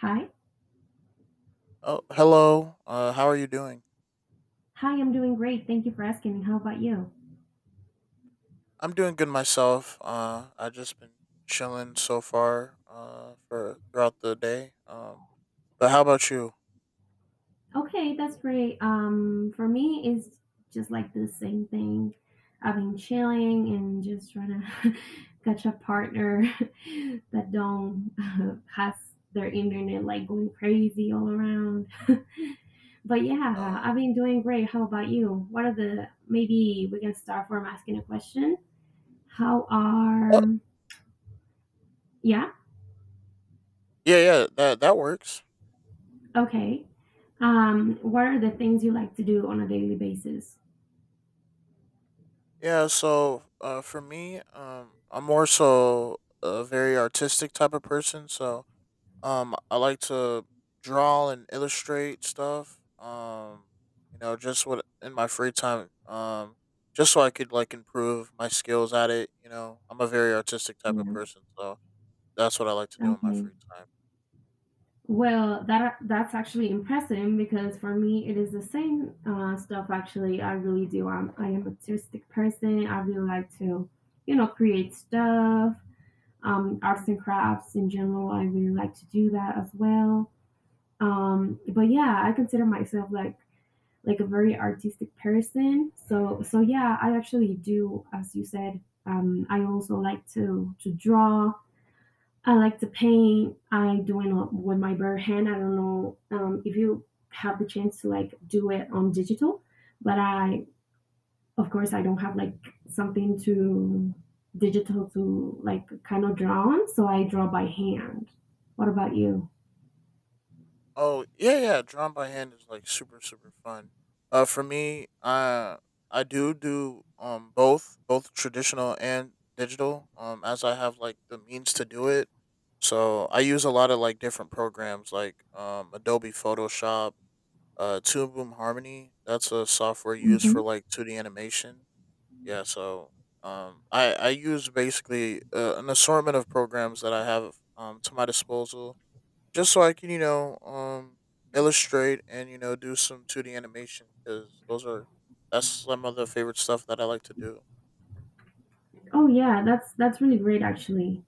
Hi. Oh, hello. How are you doing? Hi, I'm doing great. Thank you for asking. How about you? I'm doing good myself. I just been chilling so far. For throughout the day. But how about you? Okay, that's great. For me, it's just like the same thing. I've been chilling and just trying to catch a partner that don't has their internet like going crazy all around. But yeah, Uh, I've been doing great. How about you? What are the Maybe we can start from asking a question? How oh, are Yeah? yeah, yeah. That works. Okay. What are the things you like to do on a daily basis? Yeah. So, for me, I'm more so a very artistic type of person. I like to draw and illustrate stuff. Just what in my free time. Just so I could like improve my skills at it. You know, I'm a very artistic type of Yeah. person, so that's what I like to do in my Okay. free time. Well, that's actually impressive because for me it is the same stuff. Actually, I really do. I am an artistic person. I really like to, you know, create stuff. Arts and crafts in general. I really like to do that as well. But yeah, I consider myself like a very artistic person. So yeah, I actually do, as you said. I also like to draw. I like to paint. I do it with my bare hand. I don't know if you have the chance to like do it on digital, but I of course I don't have like something to digital to like kind of draw on, so I draw by hand. What about you? Oh yeah, yeah. Drawing by hand is like super super fun. For me, I do both traditional and digital. As I have like the means to do it, so I use a lot of like different programs like Adobe Photoshop, Toon Boom Harmony. That's a software used for Okay. like two D animation. Yeah, so I use basically an assortment of programs that I have to my disposal just so I can, you know, illustrate and you know do some two D animation because those are that's some of the favorite stuff that I like to do. Oh yeah, that's really great actually.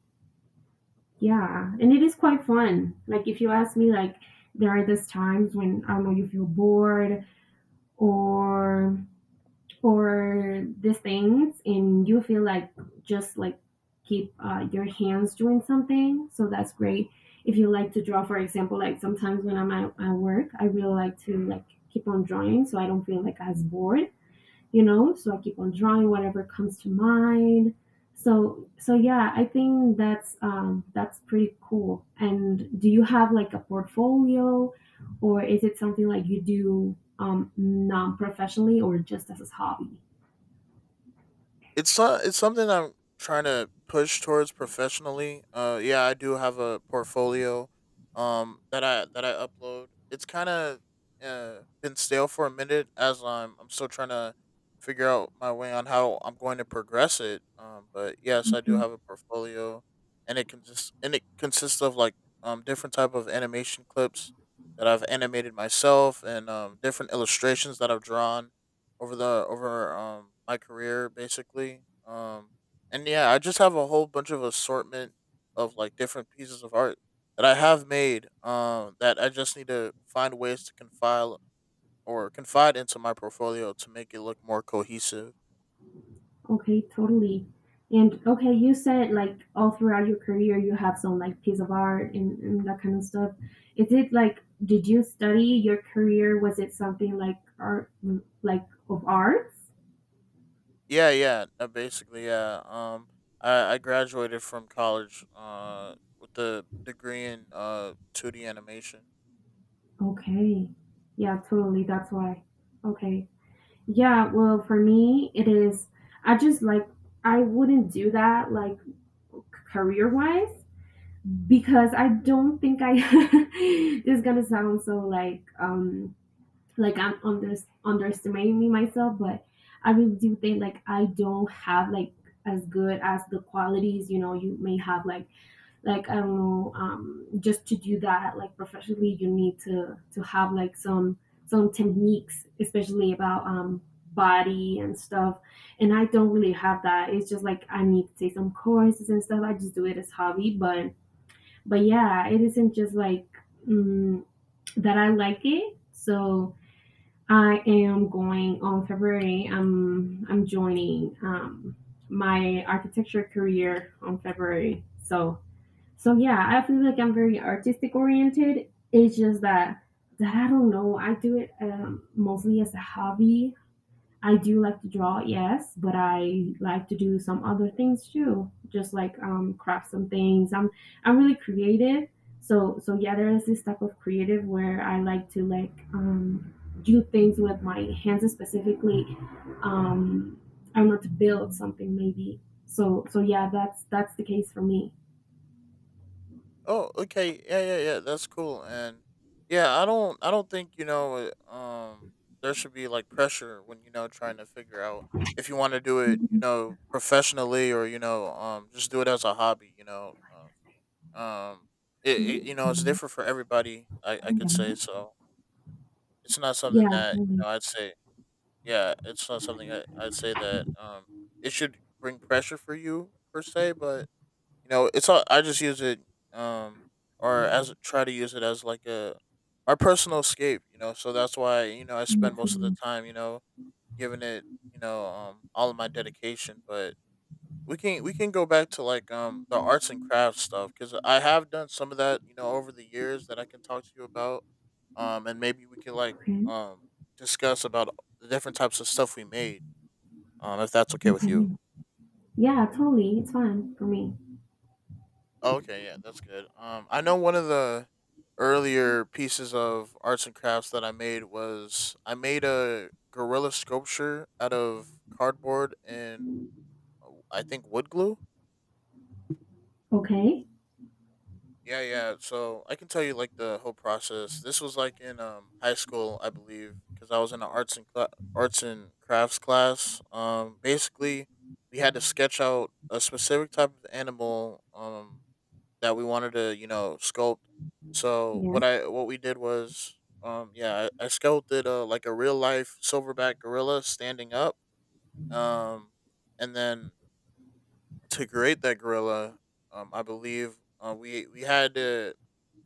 Yeah, and it is quite fun. Like if you ask me, like there are those times when I don't know you feel bored or these things, and you feel like just like keep your hands doing something. So that's great. If you like to draw, for example, like sometimes when I'm at work, I really like to like keep on drawing, so I don't feel like as bored, you know, so I keep on drawing whatever comes to mind. So yeah, I think that's pretty cool. And do you have like a portfolio, or is it something like you do non-professionally or just as a hobby? It's it's something I'm trying to push towards professionally. Yeah, I do have a portfolio, that I upload. It's kind of been stale for a minute as I'm still trying to figure out my way on how I'm going to progress it. But yes, I do Okay. have a portfolio, and it consists of like different type of animation clips that I've animated myself and different illustrations that I've drawn over my career basically. And yeah, I just have a whole bunch of assortment of like different pieces of art that I have made that I just need to find ways to confile or confide into my portfolio to make it look more cohesive. Okay, totally. And okay, you said like all throughout your career you have some like piece of art, and that kind of stuff. Is it like, did you study your career? Was it something like art, of arts? Yeah, yeah, basically yeah. I graduated from college with the degree in 2D animation. Okay. Yeah, totally. That's why. Okay. Yeah, well, for me, it is, I just like, I wouldn't do that like career wise because I don't think I, this is gonna sound so like I'm underestimating me myself, but I really do think like I don't have like as good as the qualities, you know, you may have like I don't know, just to do that like professionally, you need to have like some techniques, especially about body and stuff. And I don't really have that. It's just like I need to take some courses and stuff. I just do it as hobby, but yeah, it isn't just like mm, that. I like it, so I am going on February. I'm joining my architecture career on February, so yeah, I feel like I'm very artistic oriented. It's just that I don't know. I do it mostly as a hobby. I do like to draw, yes, but I like to do some other things too, just like craft some things. I'm really creative, so yeah, there is this type of creative where I like to like do things with my hands specifically. Um, I want to build something maybe. So yeah, that's the case for me. Oh, okay. Yeah, yeah, yeah. That's cool. And yeah, I don't think there should be like pressure when you know trying to figure out if you want to do it, you know, professionally or you know, just do it as a hobby. Um, um, it you know, it's different for everybody. I could say so. It's not something Yeah, that you totally. know, I'd say. Yeah, it's not something I'd say that it should bring pressure for you per se, but you know it's all I just use it um or as try to use it as like a my personal escape, you know, so that's why you know I Yeah, spend most of the totally. time you know giving it you know all of my dedication. But we can go back to like the arts and crafts stuff because I have done some of that you know over the years that I can talk to you about. And maybe we can like Okay. um discuss about the different types of stuff we made, if that's okay with you. Okay. Yeah, totally. It's fine for me. Oh, okay, yeah, that's good. I know one of the earlier pieces of arts and crafts that I made was I made a gorilla sculpture out of cardboard and I think wood glue. Okay. Yeah, yeah. So I can tell you like the whole process. This was like in high school, I believe, because I was in an arts and crafts class. Basically, we had to sketch out a specific type of animal. That we wanted to, you know, sculpt. So Yeah. What we did was, yeah, I sculpted like a real life silverback gorilla standing up. Um, and then to create that gorilla, I believe we had to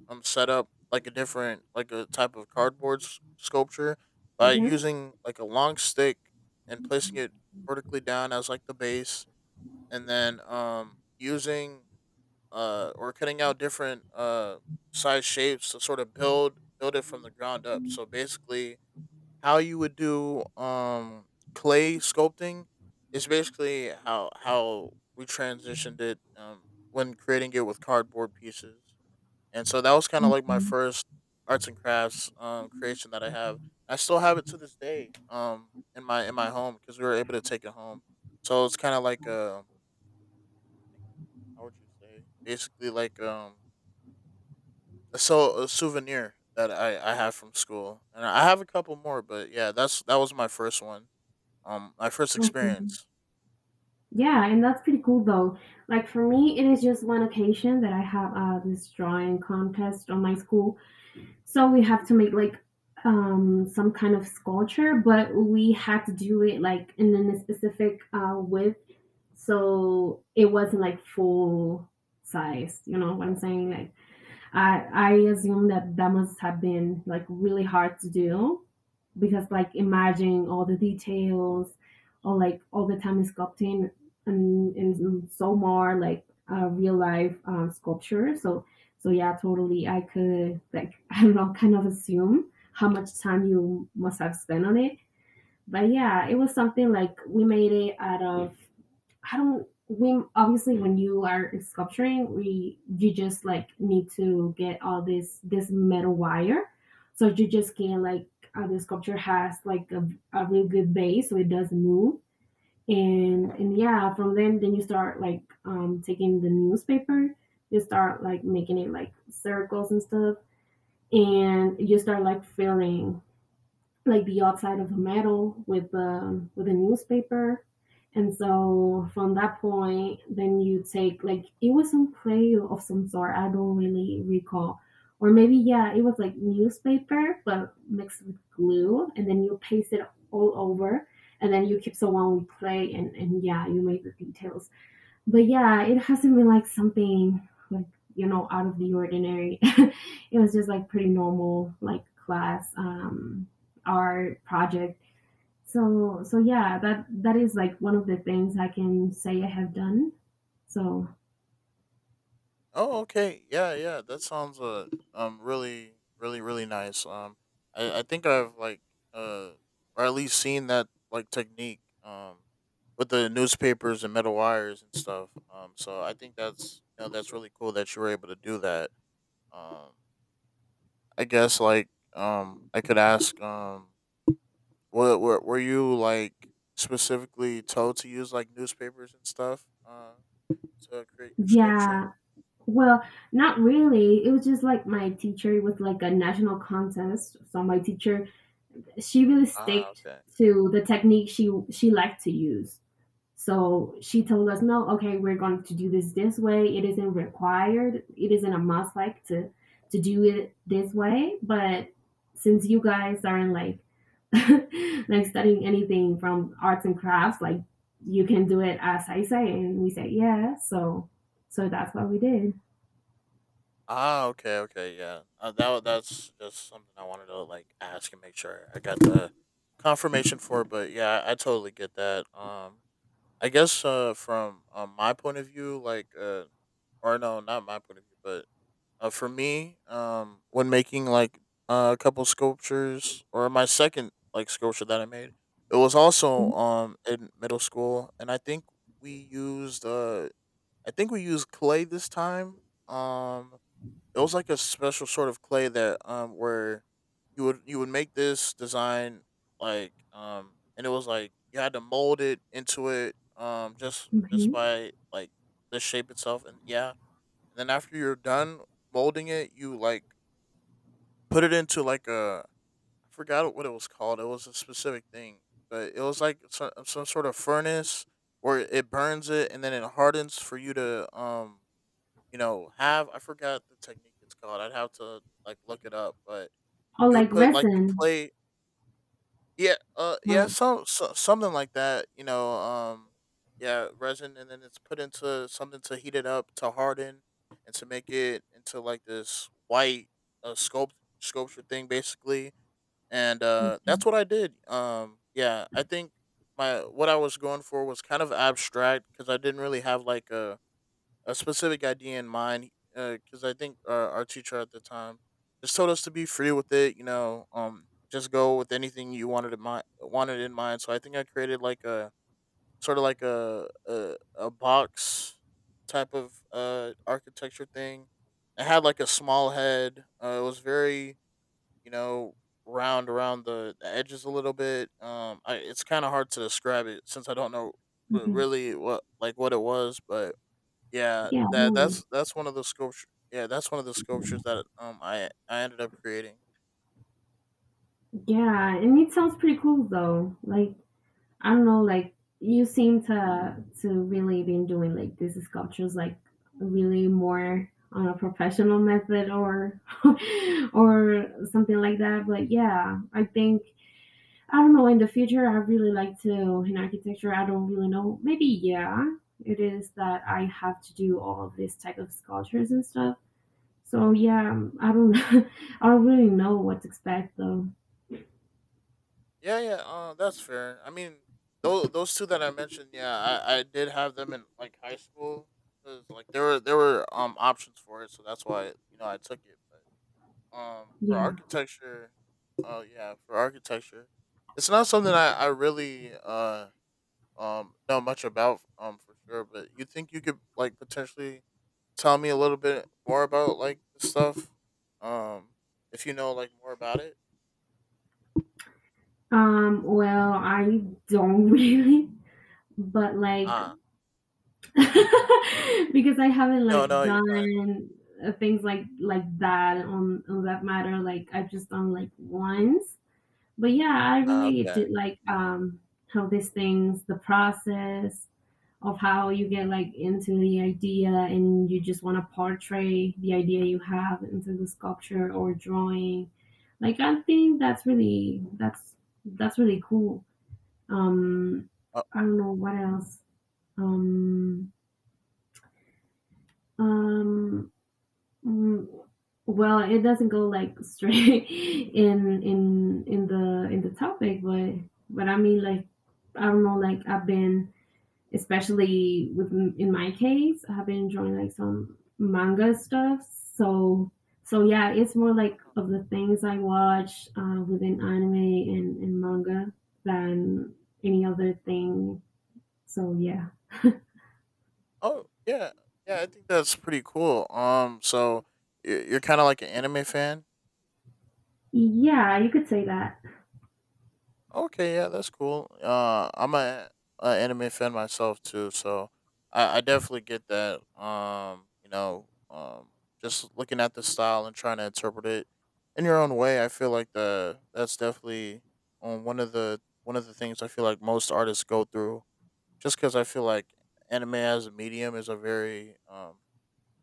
set up like a different like a type of cardboard sculpture by Yeah. using like a long stick and placing it vertically down as like the base, and then using or cutting out different size shapes to sort of build it from the ground up. So basically, how you would do clay sculpting is basically how we transitioned it when creating it with cardboard pieces. And so that was kind of like my Okay. first arts and crafts creation that I have. I still have it to this day in my home because we were able to take it home. So it's kind of like a how would you say basically like a souvenir that I have from school, and I have a couple more, but yeah, that was my first one. My first Okay. experience. Yeah, and that's pretty cool though. Like for me, it is just one occasion that I have this drawing contest on my school. So we have to make like some kind of sculpture, but we had to do it like in a specific width, so it wasn't like full size. You know what I'm saying? Like I assume that that must have been like really hard to do because like imagine all the details or like all the time sculpting, and so more like real life sculpture. So yeah, totally. I could like I don't know, kind of assume how much time you must have spent on it. But yeah, it was something like we made it out of I don't. We obviously when you are sculpturing, we you just like need to get all this metal wire, so you just can like the sculpture has like a really good base, so it doesn't move. And yeah, from then you start like taking the newspaper, you start like making it like circles and stuff, and you start like filling like the outside of the metal with the with a newspaper. And so from that point, then you take like it was some clay of some sort. I don't really recall, or maybe yeah, it was like newspaper but mixed with glue, and then you paste it all over, and then you keep someone with clay, and yeah, you make the details but yeah, it hasn't been like something like you know out of the ordinary. It was just like pretty normal like class art project. So yeah, that is like one of the things I can say I have done. So Oh, okay, yeah, yeah, that sounds really really nice. I think I've like uh or at least seen that like technique with the newspapers and metal wires and stuff. So I think that's you know that's really cool that you were able to do that. Um, I guess like I could ask were you like specifically told to use like newspapers and stuff to create your sculpture? yeah, well, not really. It was just like my teacher it was like a national contest. So my teacher, she really Ah, sticked okay. to the technique she liked to use. So she told us, no, okay, we're going to do this way. It isn't required. It isn't a must like to do it this way. But since you guys aren't like like studying anything from arts and crafts, like you can do it as I say, and we say yeah. So that's what we did. Ah, okay, okay, yeah. That's just something I wanted to like ask and make sure I got the confirmation for. But yeah, I totally get that. I guess from my point of view, like or no, not my point of view, but for me, when making like a couple sculptures or my second like sculpture that I made, it was also Mhm. In middle school, and I think we used I think we used clay this time. Um, it was like a special sort of clay that where you would make this design like and it was like you had to mold it into it just Okay. by like the shape itself. And yeah, and then after you're done molding it, you like put it into like a I forgot what it was called. It was a specific thing, but it was like some sort of furnace where it burns it and then it hardens for you to you know have I forgot the technique it's called. I'd have to like look it up, but Or you would like put like the resin clay. Yeah, yeah, or something like that. You know, yeah, resin, and then it's put into something to heat it up to harden and to make it into like this white uh, sculpt sculpture thing, basically. And okay, that's what I did. Yeah, I think my what I was going for was kind of abstract because I didn't really have like a specific idea in mind because I think our teacher at the time just told us to be free with it. You know, just go with anything you wanted in mind. Wanted in mind. So I think I created like a sort of like a box type of architecture thing. It had like a small head. It was very you know round around the edges a little bit. It's kind of hard to describe it since I don't know okay. really what like what it was, but yeah, Yeah, don't worry. That's one of the sculpture. Yeah, that's one of the sculptures that I ended up creating. Yeah, and it sounds pretty cool though. Like I don't know, like you seem to really been doing like these sculptures like really more on a professional method or or something like that. But yeah, I think I don't know in the future I really like to in architecture I don't really know. Maybe yeah, it is that I have to do all of this type of sculptures and stuff. So yeah, I don't I don't really know what to expect though. Yeah, yeah. That's fair. I mean, those two that I mentioned. Yeah, I did have them in like high school 'cause, like there were options for it, so that's why you know I took it. But for Yeah. architecture, oh yeah, for architecture, it's not something I really know much about for sure. But you think you could like potentially tell me a little bit more about like this stuff? Um, if you know like more about it. Well I don't really but like Ah, because I haven't no, like no, you're fine. done things like that on that matter. Like I've just done like once, but yeah, I Ah, really okay. did like how these things, the process of how you get like into the idea and you just want to portray the idea you have into the sculpture or drawing. Like I think that's really that's really cool. Um, Oh, I don't know what else, um, um, mm, well, it doesn't go like straight in in the in the topic, but I mean, like I don't know, like I've been, especially with in my case, I've been drawing like some manga stuff. So so yeah, it's more like of the things I watch within anime and manga than any other thing. So yeah, oh, yeah, yeah. I think that's pretty cool. So you're kind of like an anime fan. yeah, you could say that. Okay, yeah, that's cool. I'm a anime fan myself too, so I definitely get that. Just looking at the style and trying to interpret it in your own way, I feel like the that's definitely one of the things I feel like most artists go through. Just because I feel like anime as a medium is a very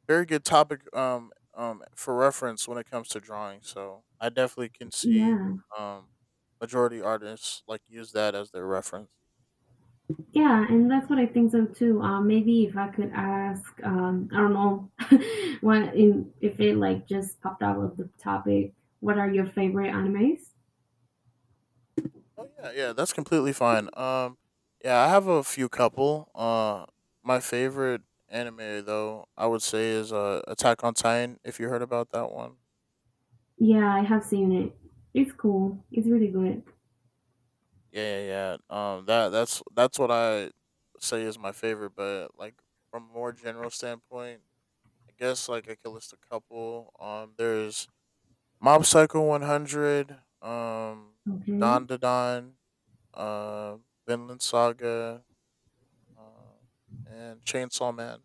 very good topic for reference when it comes to drawing. So I definitely can see Yeah. um majority artists like use that as their reference. Yeah, and that's what I think so too. Maybe if I could ask, I don't know, what in if it like just popped out of the topic. What are your favorite animes? Oh yeah, yeah, that's completely fine. Yeah, I have a few couple. My favorite anime though, I would say is Attack on Titan, if you heard about that one. Yeah, I have seen it. It's cool. It's really good. Yeah, yeah, yeah. That's what I say is my favorite, but like from a more general standpoint, I guess like I could list a couple. There's Mob Psycho 100, Okay. Don Dadon, uh, Vinland Saga, um, and Chainsaw Man.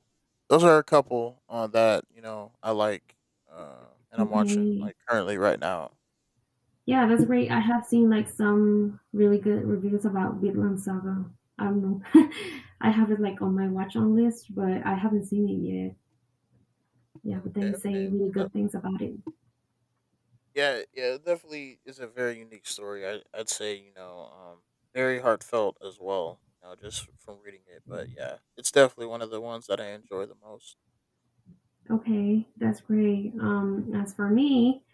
Those are a couple that you know I like, and I'm watching Okay. like currently right now. Yeah, that's great. I have seen like some really good reviews about Vinland Saga. I don't know. I have it like on my watch on list, but I haven't seen it yet. Yeah, but Okay, they say okay. really That- good things about it. yeah, yeah, it definitely is a very unique story. I'd say you know, very heartfelt as well. You know, just from reading it, but yeah, it's definitely one of the ones that I enjoy the most. Okay, that's great. As for me,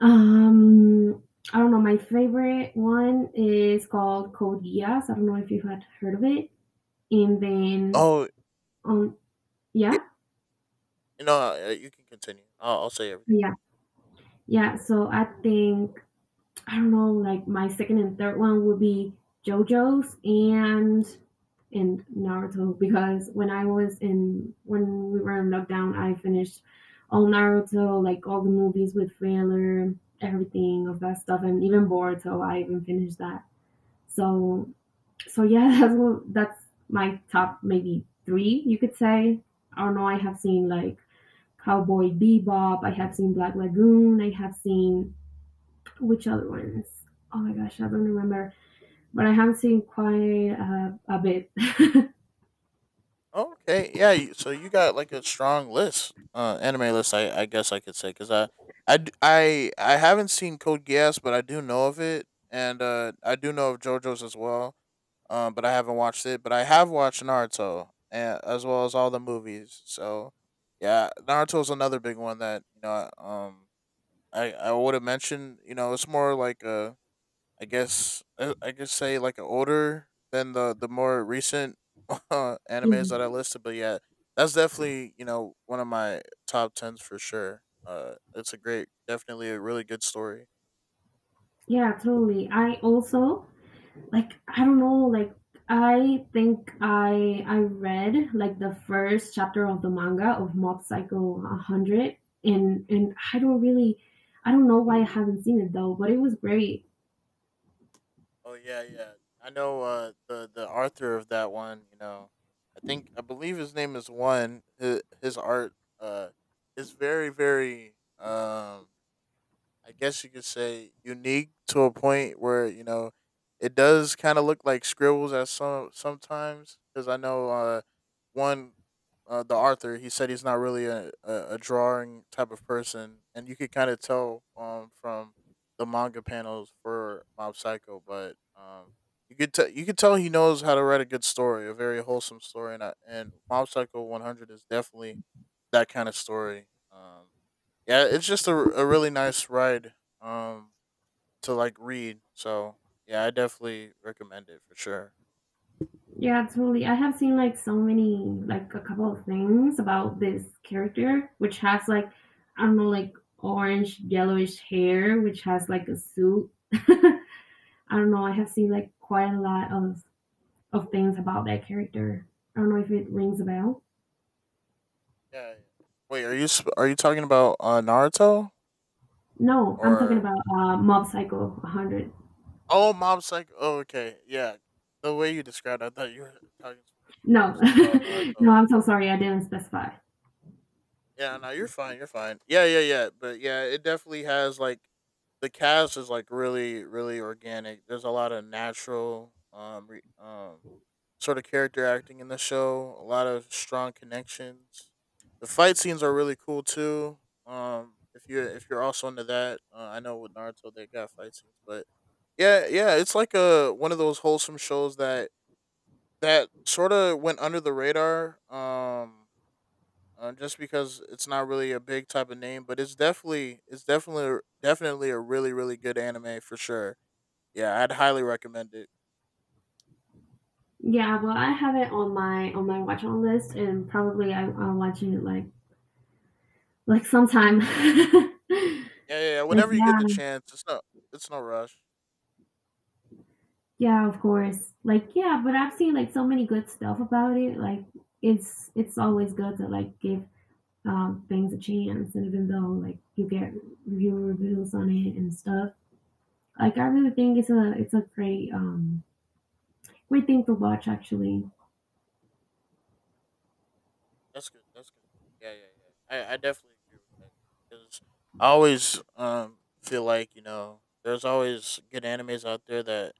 um, I don't know. My favorite one is called Code Geass. I don't know if you had heard of it. And then, Oh, um, yeah, you know, you can continue. I'll say everything. yeah, yeah. So I think I don't know, like my second and third one would be JoJo's and Naruto because when I was in when we were in lockdown, I finished all Naruto, like all the movies with filler, everything of that stuff, and even Boruto. I even finished that. So so yeah, that's my top maybe three you could say. I don't know. I have seen like Cowboy Bebop. I have seen Black Lagoon. I have seen which other ones? Oh my gosh, I don't remember. But I have seen quite a bit. Okay, yeah. So you got like a strong list, anime list. I guess I could say because I haven't seen Code Geass, but I do know of it, and I do know of JoJo's as well. But I haven't watched it. But I have watched Naruto, and as well as all the movies. So, yeah, Naruto's another big one that you know. I would have mentioned. You know, it's more like a I guess I could say like older than the more recent animes Yeah. that I listed, but yeah, that's definitely you know one of my top tens for sure. It's a great, definitely a really good story. Yeah, totally. I also, like, I don't know, like, I think I read like the first chapter of the manga of Mob Psycho 100, and I don't really, I don't know why I haven't seen it though, but it was great. Oh yeah, yeah. I know the author of that one. You know, I think I believe his name is one. His art uh is very very I guess you could say unique to a point where you know it does kind of look like scribbles at some sometimes because I know one the author he said he's not really a drawing type of person and you could kind of tell from the manga panels for Mob Psycho but you could tell he knows how to write a good story a very wholesome story and Mob Psycho 100 is definitely that kind of story. Yeah, it's just a really nice ride um to like read. So yeah, I definitely recommend it for sure. Yeah, totally. I have seen like so many, like a couple of things about this character, which has like, I don't know, like orange, yellowish hair, which has like a suit. I don't know. I have seen like quite a lot of things about that character. I don't know if it rings a bell. Yeah, yeah. Wait, are you talking about Naruto No, I'm talking or about Mob Psycho 100. oh Mob Psycho? Oh, okay, yeah. The way you described, I thought you were talking um, No, about Naruto. no, I'm so sorry. I didn't specify. Yeah, no, you're fine. You're fine. Yeah, yeah, yeah. But yeah, it definitely has like the cast is like really, really organic. There's a lot of natural, sort of character acting in the show. A lot of strong connections. The fight scenes are really cool too. If you if you're also into that, I know with Naruto they got fight scenes, but yeah, yeah, it's like a one of those wholesome shows that sort of went under the radar. Just because it's not really a big type of name, but it's definitely a really really good anime for sure. Yeah, I'd highly recommend it. Yeah, well, I have it on my watch on list, and probably I'll watch it like sometimes, Yeah, yeah, yeah. like, Whenever you get yeah, the chance, it's no rush. yeah, of course. Like, yeah, but I've seen like so many good stuff about it. Like, it's always good to like give things a chance, and even though like you get reviews on it and stuff. Like I really think it's a great great thing to watch actually. That's good. That's good. Yeah, yeah, yeah. I definitely agree with that because I always feel like you know there's always good animes out there that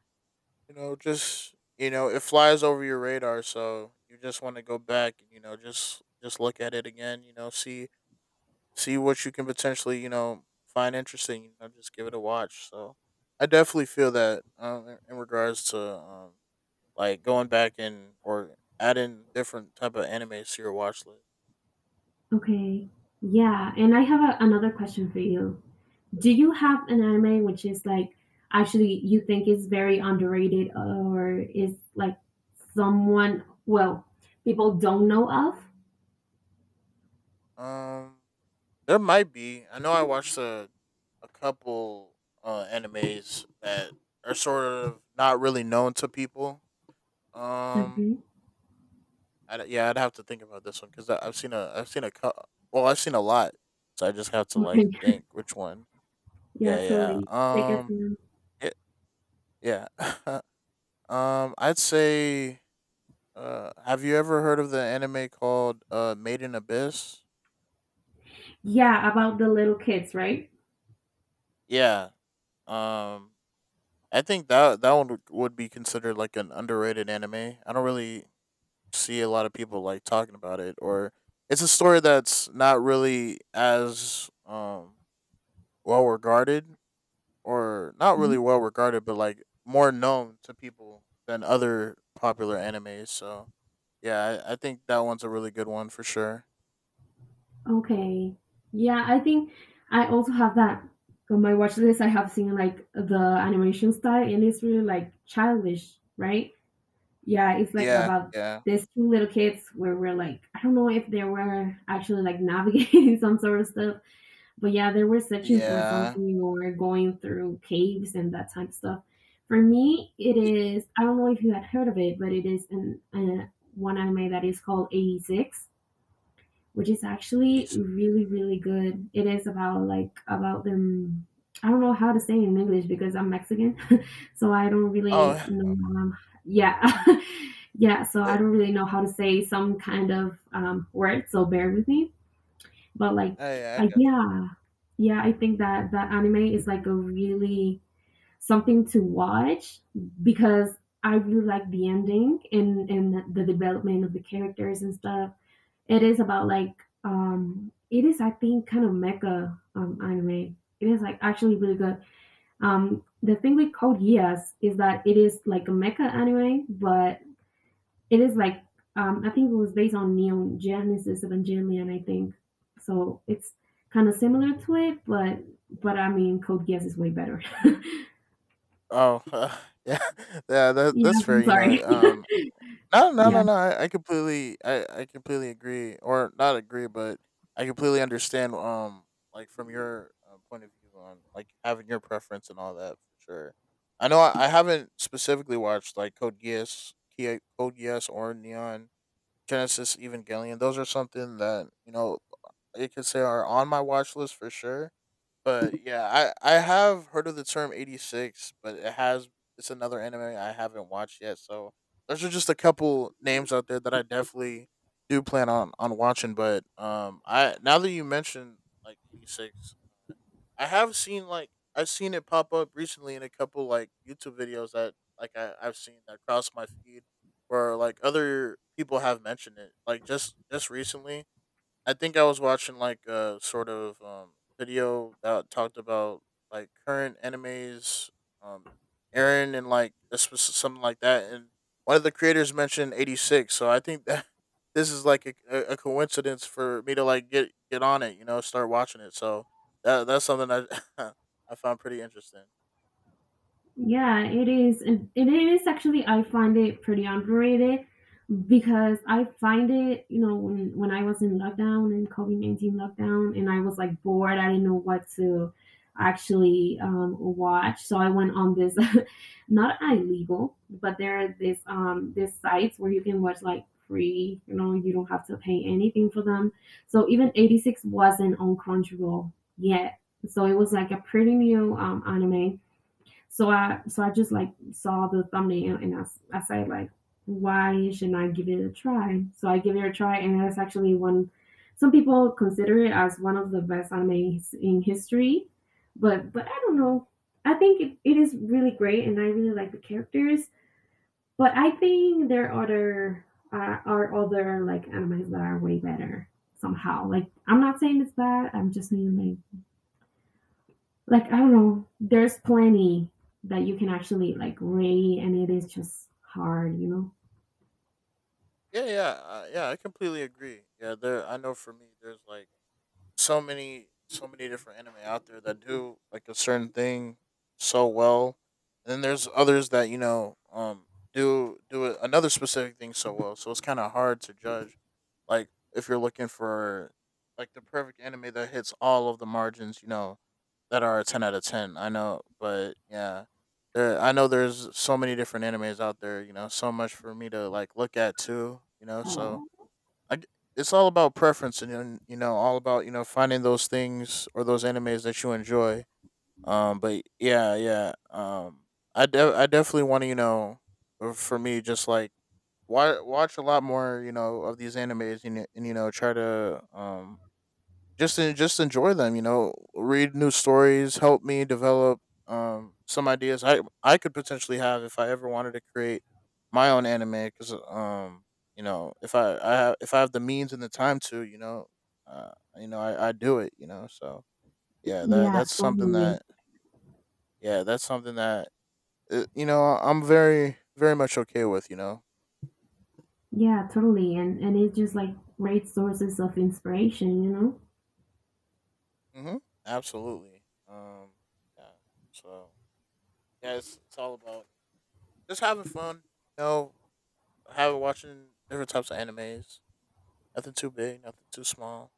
you know just you know it flies over your radar, so you just want to go back and you know just look at it again. You know, see what you can potentially, you know, find interesting. You know, just give it a watch. So I definitely feel that in regards to like going back and or adding different type of animes to your watch list. Okay. Yeah, and I have a, another question for you. Do you have an anime which is like actually you think is very underrated, or is like someone, well, people don't know of? Um, there might be. I know I watched a couple animes that are sort of not really known to people. Um, Okay. Yeah, I'd have to think about this one because I've seen a I've seen a lot, so I just have to like Okay. think which one. Yeah, Yeah, totally. They yeah. get to know. it, yeah. I'd say, have you ever heard of the anime called Maiden Abyss? Yeah, about the little kids, right? Yeah. Um, I think that one would be considered like an underrated anime. I don't really see a lot of people like talking about it, or it's a story that's not really as well regarded Yeah. But like more known to people than other popular animes. So yeah, I think that one's a really good one for sure. Okay. Yeah, I think I also have that on my watch list. I have seen like the animation style, and it's really like childish, right? Yeah, it's like Yeah, about yeah, these two little kids where we're like, I don't know if they were actually like navigating some sort of stuff, but yeah, they were searching for yeah. something or going through caves and that type of stuff. For me, it y- is, I don't know if you had heard of it, but it is an, one anime that is called 86, which is It actually is. really really good. It is about like about them. I don't know how to say it in English because I'm Mexican, so I don't really Oh, know. Um, yeah, yeah. So I eh, don't really know how to say some kind of word. So bear with me. But like, oh, yeah, I got you. yeah, yeah. I think that that anime is like a really something to watch because I really like the ending and the development of the characters and stuff. It is about like, um, it is, I think, kind of mecha, um, anime. It is like actually really good. Um, the thing with Code Geass is that it is like a mecha anime, but it is like, um, I think it was based on Neon Genesis Evangelion, I think. So it's kind of similar to it, but I mean Code Geass is way better. Oh, yeah, yeah. Yeah, That's fair. I'm You sorry. know, no, no, Yeah. no, no. I completely agree, or not agree, but I completely understand. Like from your point of view on like having your preference and all that for sure. I know I haven't specifically watched like Code Geass, or Neon Genesis Evangelion. Those are something that you know you could say are on my watch list for sure. But yeah, I have heard of the term 86, but it's another anime I haven't watched yet. So those are just a couple names out there that I definitely do plan on watching. But I now that you mentioned like 86, I have seen like I've seen it pop up recently in a couple like YouTube videos that like I've seen that cross my feed where like other people have mentioned it like just recently. I think I was watching like a sort of video that talked about like current animes, um, Aaron and like a something like that, and one of the creators mentioned 86. So I think that this is like a coincidence for me to like get on it, you know, start watching it. So that's something I I found pretty interesting. Yeah, it is. And it is actually, I find it pretty underrated because I find it, you know, when I was in lockdown and COVID 19 lockdown, and I was like bored, I didn't know what to actually watch, so I went on this, not illegal, but there are this, um, this sites where you can watch like free, you know, you don't have to pay anything for them. So even 86 wasn't on Crunchyroll yet, so it was like a pretty new, anime, so I just like saw the thumbnail and I say like, why shouldn't I give it a try? So I give it a try, and that's actually one, some people consider it as one of the best anime in history, but I don't know. I think it is really great and I really like the characters, but I think there are other, are other like animes that are way better somehow. Like I'm not saying it's bad. I'm just saying like I don't know, there's plenty that you can actually like read, and it is just hard, you know? Yeah, yeah, yeah. I completely agree. Yeah, there. I know for me, there's like so many different anime out there that do like a certain thing so well and then there's others that you know another specific thing so well so it's kind of hard to judge like if you're looking for like the perfect anime that hits all of the margins, you know, that are a 10 out of 10. I know, but yeah, there I know there's so many different animes out there, you know, so much for me to like look at too, you know. So I, g- it's all about preference, and you know all about you know finding those things or those animes that you enjoy. But yeah, yeah. I definitely want to you know for me just like wa watch a lot more you know of these animes, and you know try to just enjoy them. You know, read new stories, help me develop some ideas I could potentially have if I ever wanted to create my own anime. Because you know if I have the means and the time to uh you know I do it. You know, so yeah, Yeah, that's something totally. that yeah, that's something that you know I'm very very much okay with. You know. Yeah, totally. And it's just like great sources of inspiration, you know? Mm-hmm. Absolutely. Um. Yeah. So yeah, it's all about just having fun, you know. Have watching different types of animes. Nothing too big, nothing too small.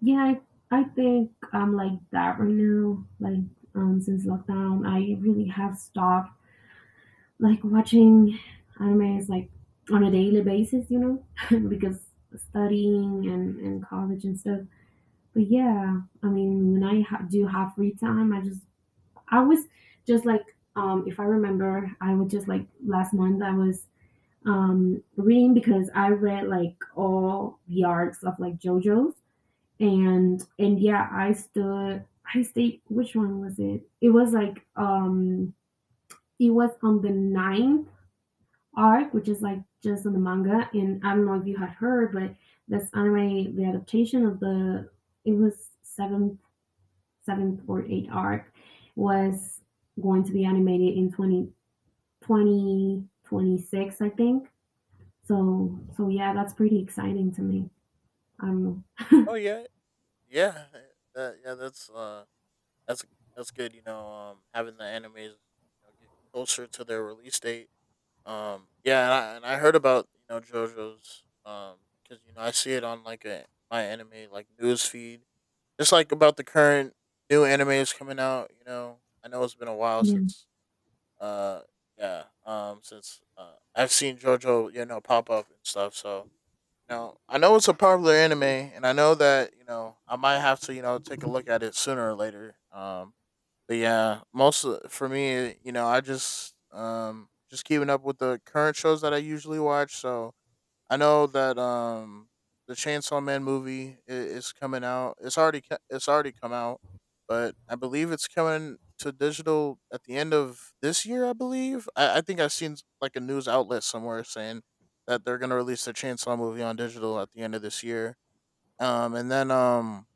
Yeah, I think I'm like that right now. Like, um, since lockdown I really have stopped like watching anime like on a daily basis, you know? Because studying and college and stuff. But yeah, I mean, when I do have free time, I just, I was just like, if I remember, I was just like last month I was, reading because I read like all the arcs of like JoJo's, and yeah, I stood. I stayed. Which one was it? It was like, it was on the ninth arc, which is like just on the manga. And I don't know if you had heard, but this anime, the adaptation of the, it was seventh, seventh or eighth arc, was going to be animated in twenty 2026, I think. So, so yeah, that's pretty exciting to me. I don't know. Oh yeah, yeah, yeah. That's that's good. You know, having the animes you know get closer to their release date. Yeah, and I heard about you know JoJo's because you know I see it on like a my anime like news feed. Just like about the current new animes coming out. You know, I know it's been a while Yeah, since Uh, yeah. Since I've seen JoJo, you know, pop up and stuff. So you know, I know it's a popular anime, and I know that you know I might have to you know take a look at it sooner or later. But yeah, most of, for me, you know, I just keeping up with the current shows that I usually watch. So I know that the Chainsaw Man movie is coming out. It's already come out, but I believe it's coming to digital at the end of this year. I believe. I think I've seen like a news outlet somewhere saying that they're gonna release the Chainsaw movie on digital at the end of this year. And then um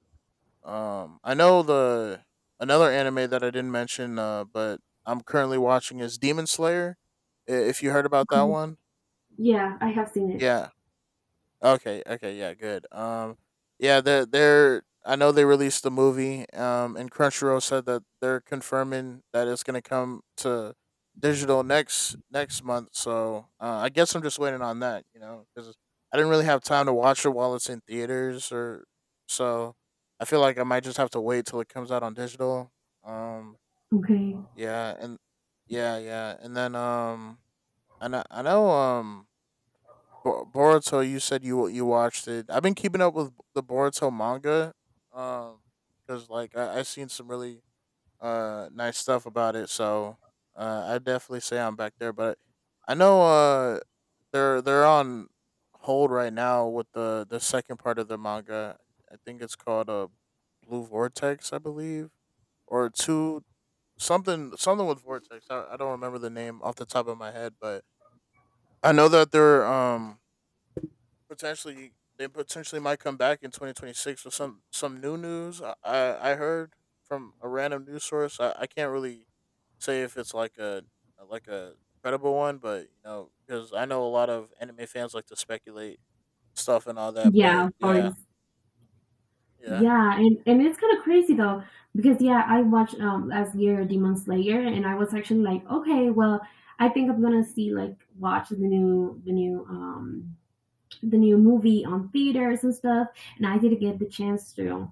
um I know the another anime that I didn't mention, but I'm currently watching is Demon Slayer. If you heard about that okay. one? Yeah, I have seen it. Yeah. Okay, okay, yeah, good. Yeah, they're I know they released the movie. And Crunchyroll said that they're confirming that it's gonna come to digital next month. So I guess I'm just waiting on that, because I didn't really have time to watch it while it's in theaters, or so I feel like I might just have to wait till it comes out on digital. Um, Okay. yeah, and yeah, yeah, and then I know. Boruto, you said you watched it. I've been keeping up with the Boruto manga, um, because like I seen some really nice stuff about it. So I definitely say I'm back there. But I know they're on hold right now with the second part of the manga. I think it's called Blue Vortex, I believe, or two something with Vortex. I don't remember the name off the top of my head, but I know that they potentially might come back in 2026 with some new news. I heard from a random news source. I can't really say if it's like a credible one, but because I know a lot of anime fans like to speculate stuff and all that. Yeah, But of yeah, course. yeah. Yeah, and it's kind of crazy though because yeah, I watched last year Demon Slayer, and I was actually like, okay, well, I think I'm gonna see like watch the new, um, the new movie on theaters and stuff, and I didn't get the chance to.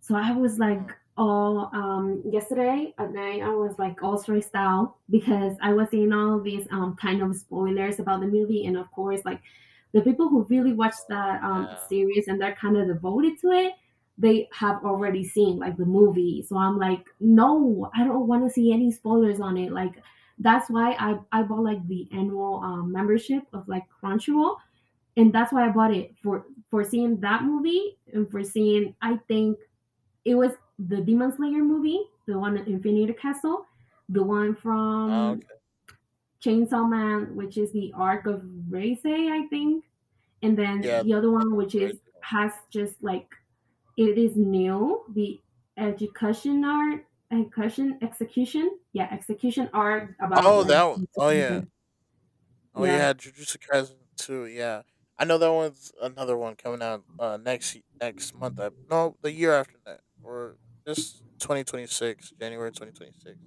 So I was like Mm. all, um, yesterday at night I was like all stressed out because I was seeing all these, um, kind of spoilers about the movie, and of course like the people who really watch Oh that, um, yeah. series and they're kind of devoted to it, they have Mm. already seen like the movie, so I'm like, no, I don't want to see any spoilers on it, like, that's why I bought like the annual, membership of like Crunchyroll, and that's why I bought it for seeing that movie, and for seeing, I think it was the Demon Slayer movie, the one at Infinity Castle, the one Oh, from okay. Chainsaw Man, which is the arc of Reisei, I think, and then Yeah. the other That's one, which the right is one. has just like, it is new, the education execution, yeah, execution art about Oh, like, that. One. Oh yeah. Oh yeah, yeah, Jujutsu Kaisen too. Yeah, I know that one's another one coming out next month. No, the year after that, or just 2026. January 2026.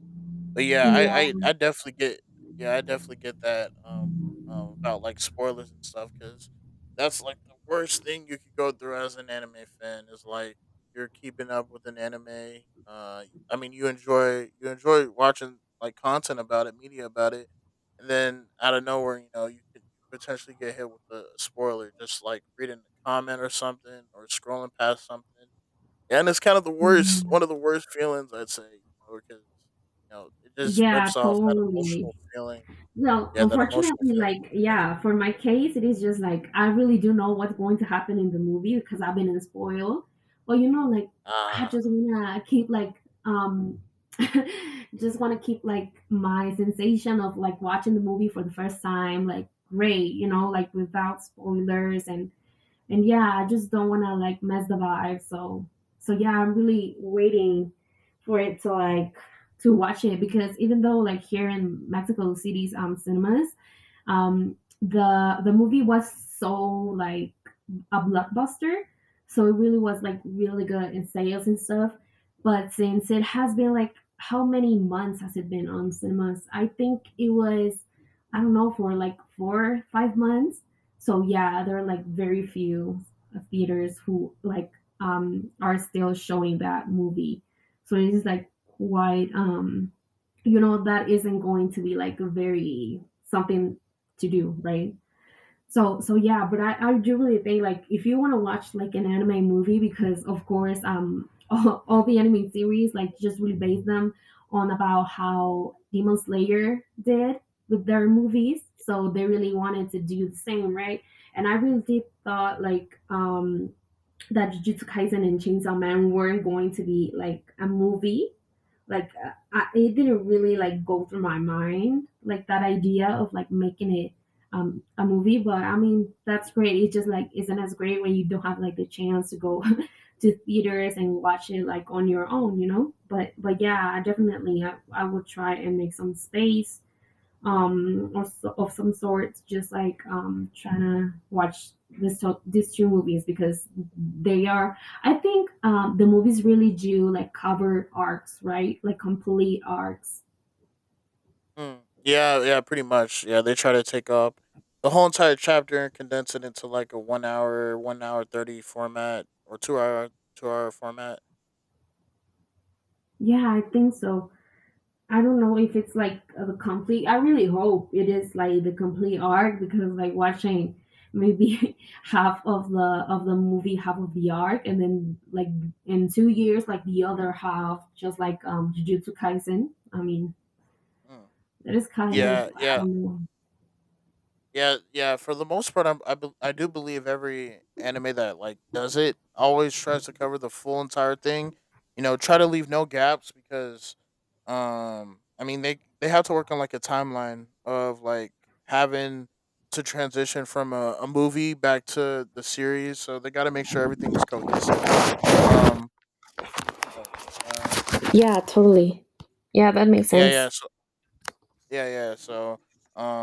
But yeah, I, yeah, I, I definitely get that about like spoilers and stuff because that's like the worst thing you could go through as an anime fan is like you're keeping up with an anime. I mean you enjoy watching like content about it, media about it. And then out of nowhere, you could potentially get hit with a spoiler, just like reading a comment or something or scrolling past something. Yeah, and it's kind of the worst, one of the worst feelings I'd say, because you know it just yeah, rips off that emotional totally. feeling. Well, Yeah, that emotional unfortunately, feeling of like, connection. yeah, for my case, it is just like I really do know what's going to happen in the movie because I've been spoiled. But you know, like, I Ah. just wanna keep like, um, just wanna keep like my sensation of like watching the movie for the first time, like, great, you know, like without spoilers, and yeah, I just don't want to like mess the vibe. So, so yeah, I'm really waiting for it to like to watch it, because even though like here in Mexico City's, um, cinemas, um, the movie was so like a blockbuster, so it really was like really good in sales and stuff. But since it has been like, how many months has it been on cinemas? I think it was, I don't know, for like 4 5 months. So yeah, there are like very few theaters who like, um, are still showing that movie. So it is like quite, um, you know, that isn't going to be like very something to do, right? So so yeah, but I do really think like, if you want to watch like an anime movie, because of course, um, all the anime series like just really base them on about how Demon Slayer did with their movies. So they really wanted to do the same, right? And I really did thought like, um, that Jujutsu Kaisen and Chainsaw Man weren't going to be like a movie, like, I, it didn't really like go through my mind like that idea of like making it, a movie, but I mean that's great. It just like isn't as great when you don't have like the chance to go to theaters and watch it like on your own, you know, but yeah, I definitely I will try and make some space, um, or so, of some sort, just like, um, trying to watch these two movies, because they are, I think, um, the movies really do like cover arcs, right? Like complete arcs. Mm. Yeah, yeah, pretty much. Yeah, they try to take up the whole entire chapter and condense it into like a 1 hour, 1 hour 30 format or two hour format. Yeah, I think so. I don't know if it's like the complete, I really hope it is like the complete arc, because like watching maybe half of the movie, half of the arc, and then like in 2 years like the other half, just like, um, Jujutsu Kaisen, I mean, Mm. that is kind of, Yeah, I yeah, don't know. yeah, yeah. For the most part, I do believe every anime that like does it always tries to cover the full entire thing. You know, try to leave no gaps because, I mean they have to work on like a timeline of like having to transition from a movie back to the series, so they got to make sure everything is cohesive. Um, oh, uh, Yeah, totally. Yeah, that makes yeah, yeah. sense. Yeah, yeah. So,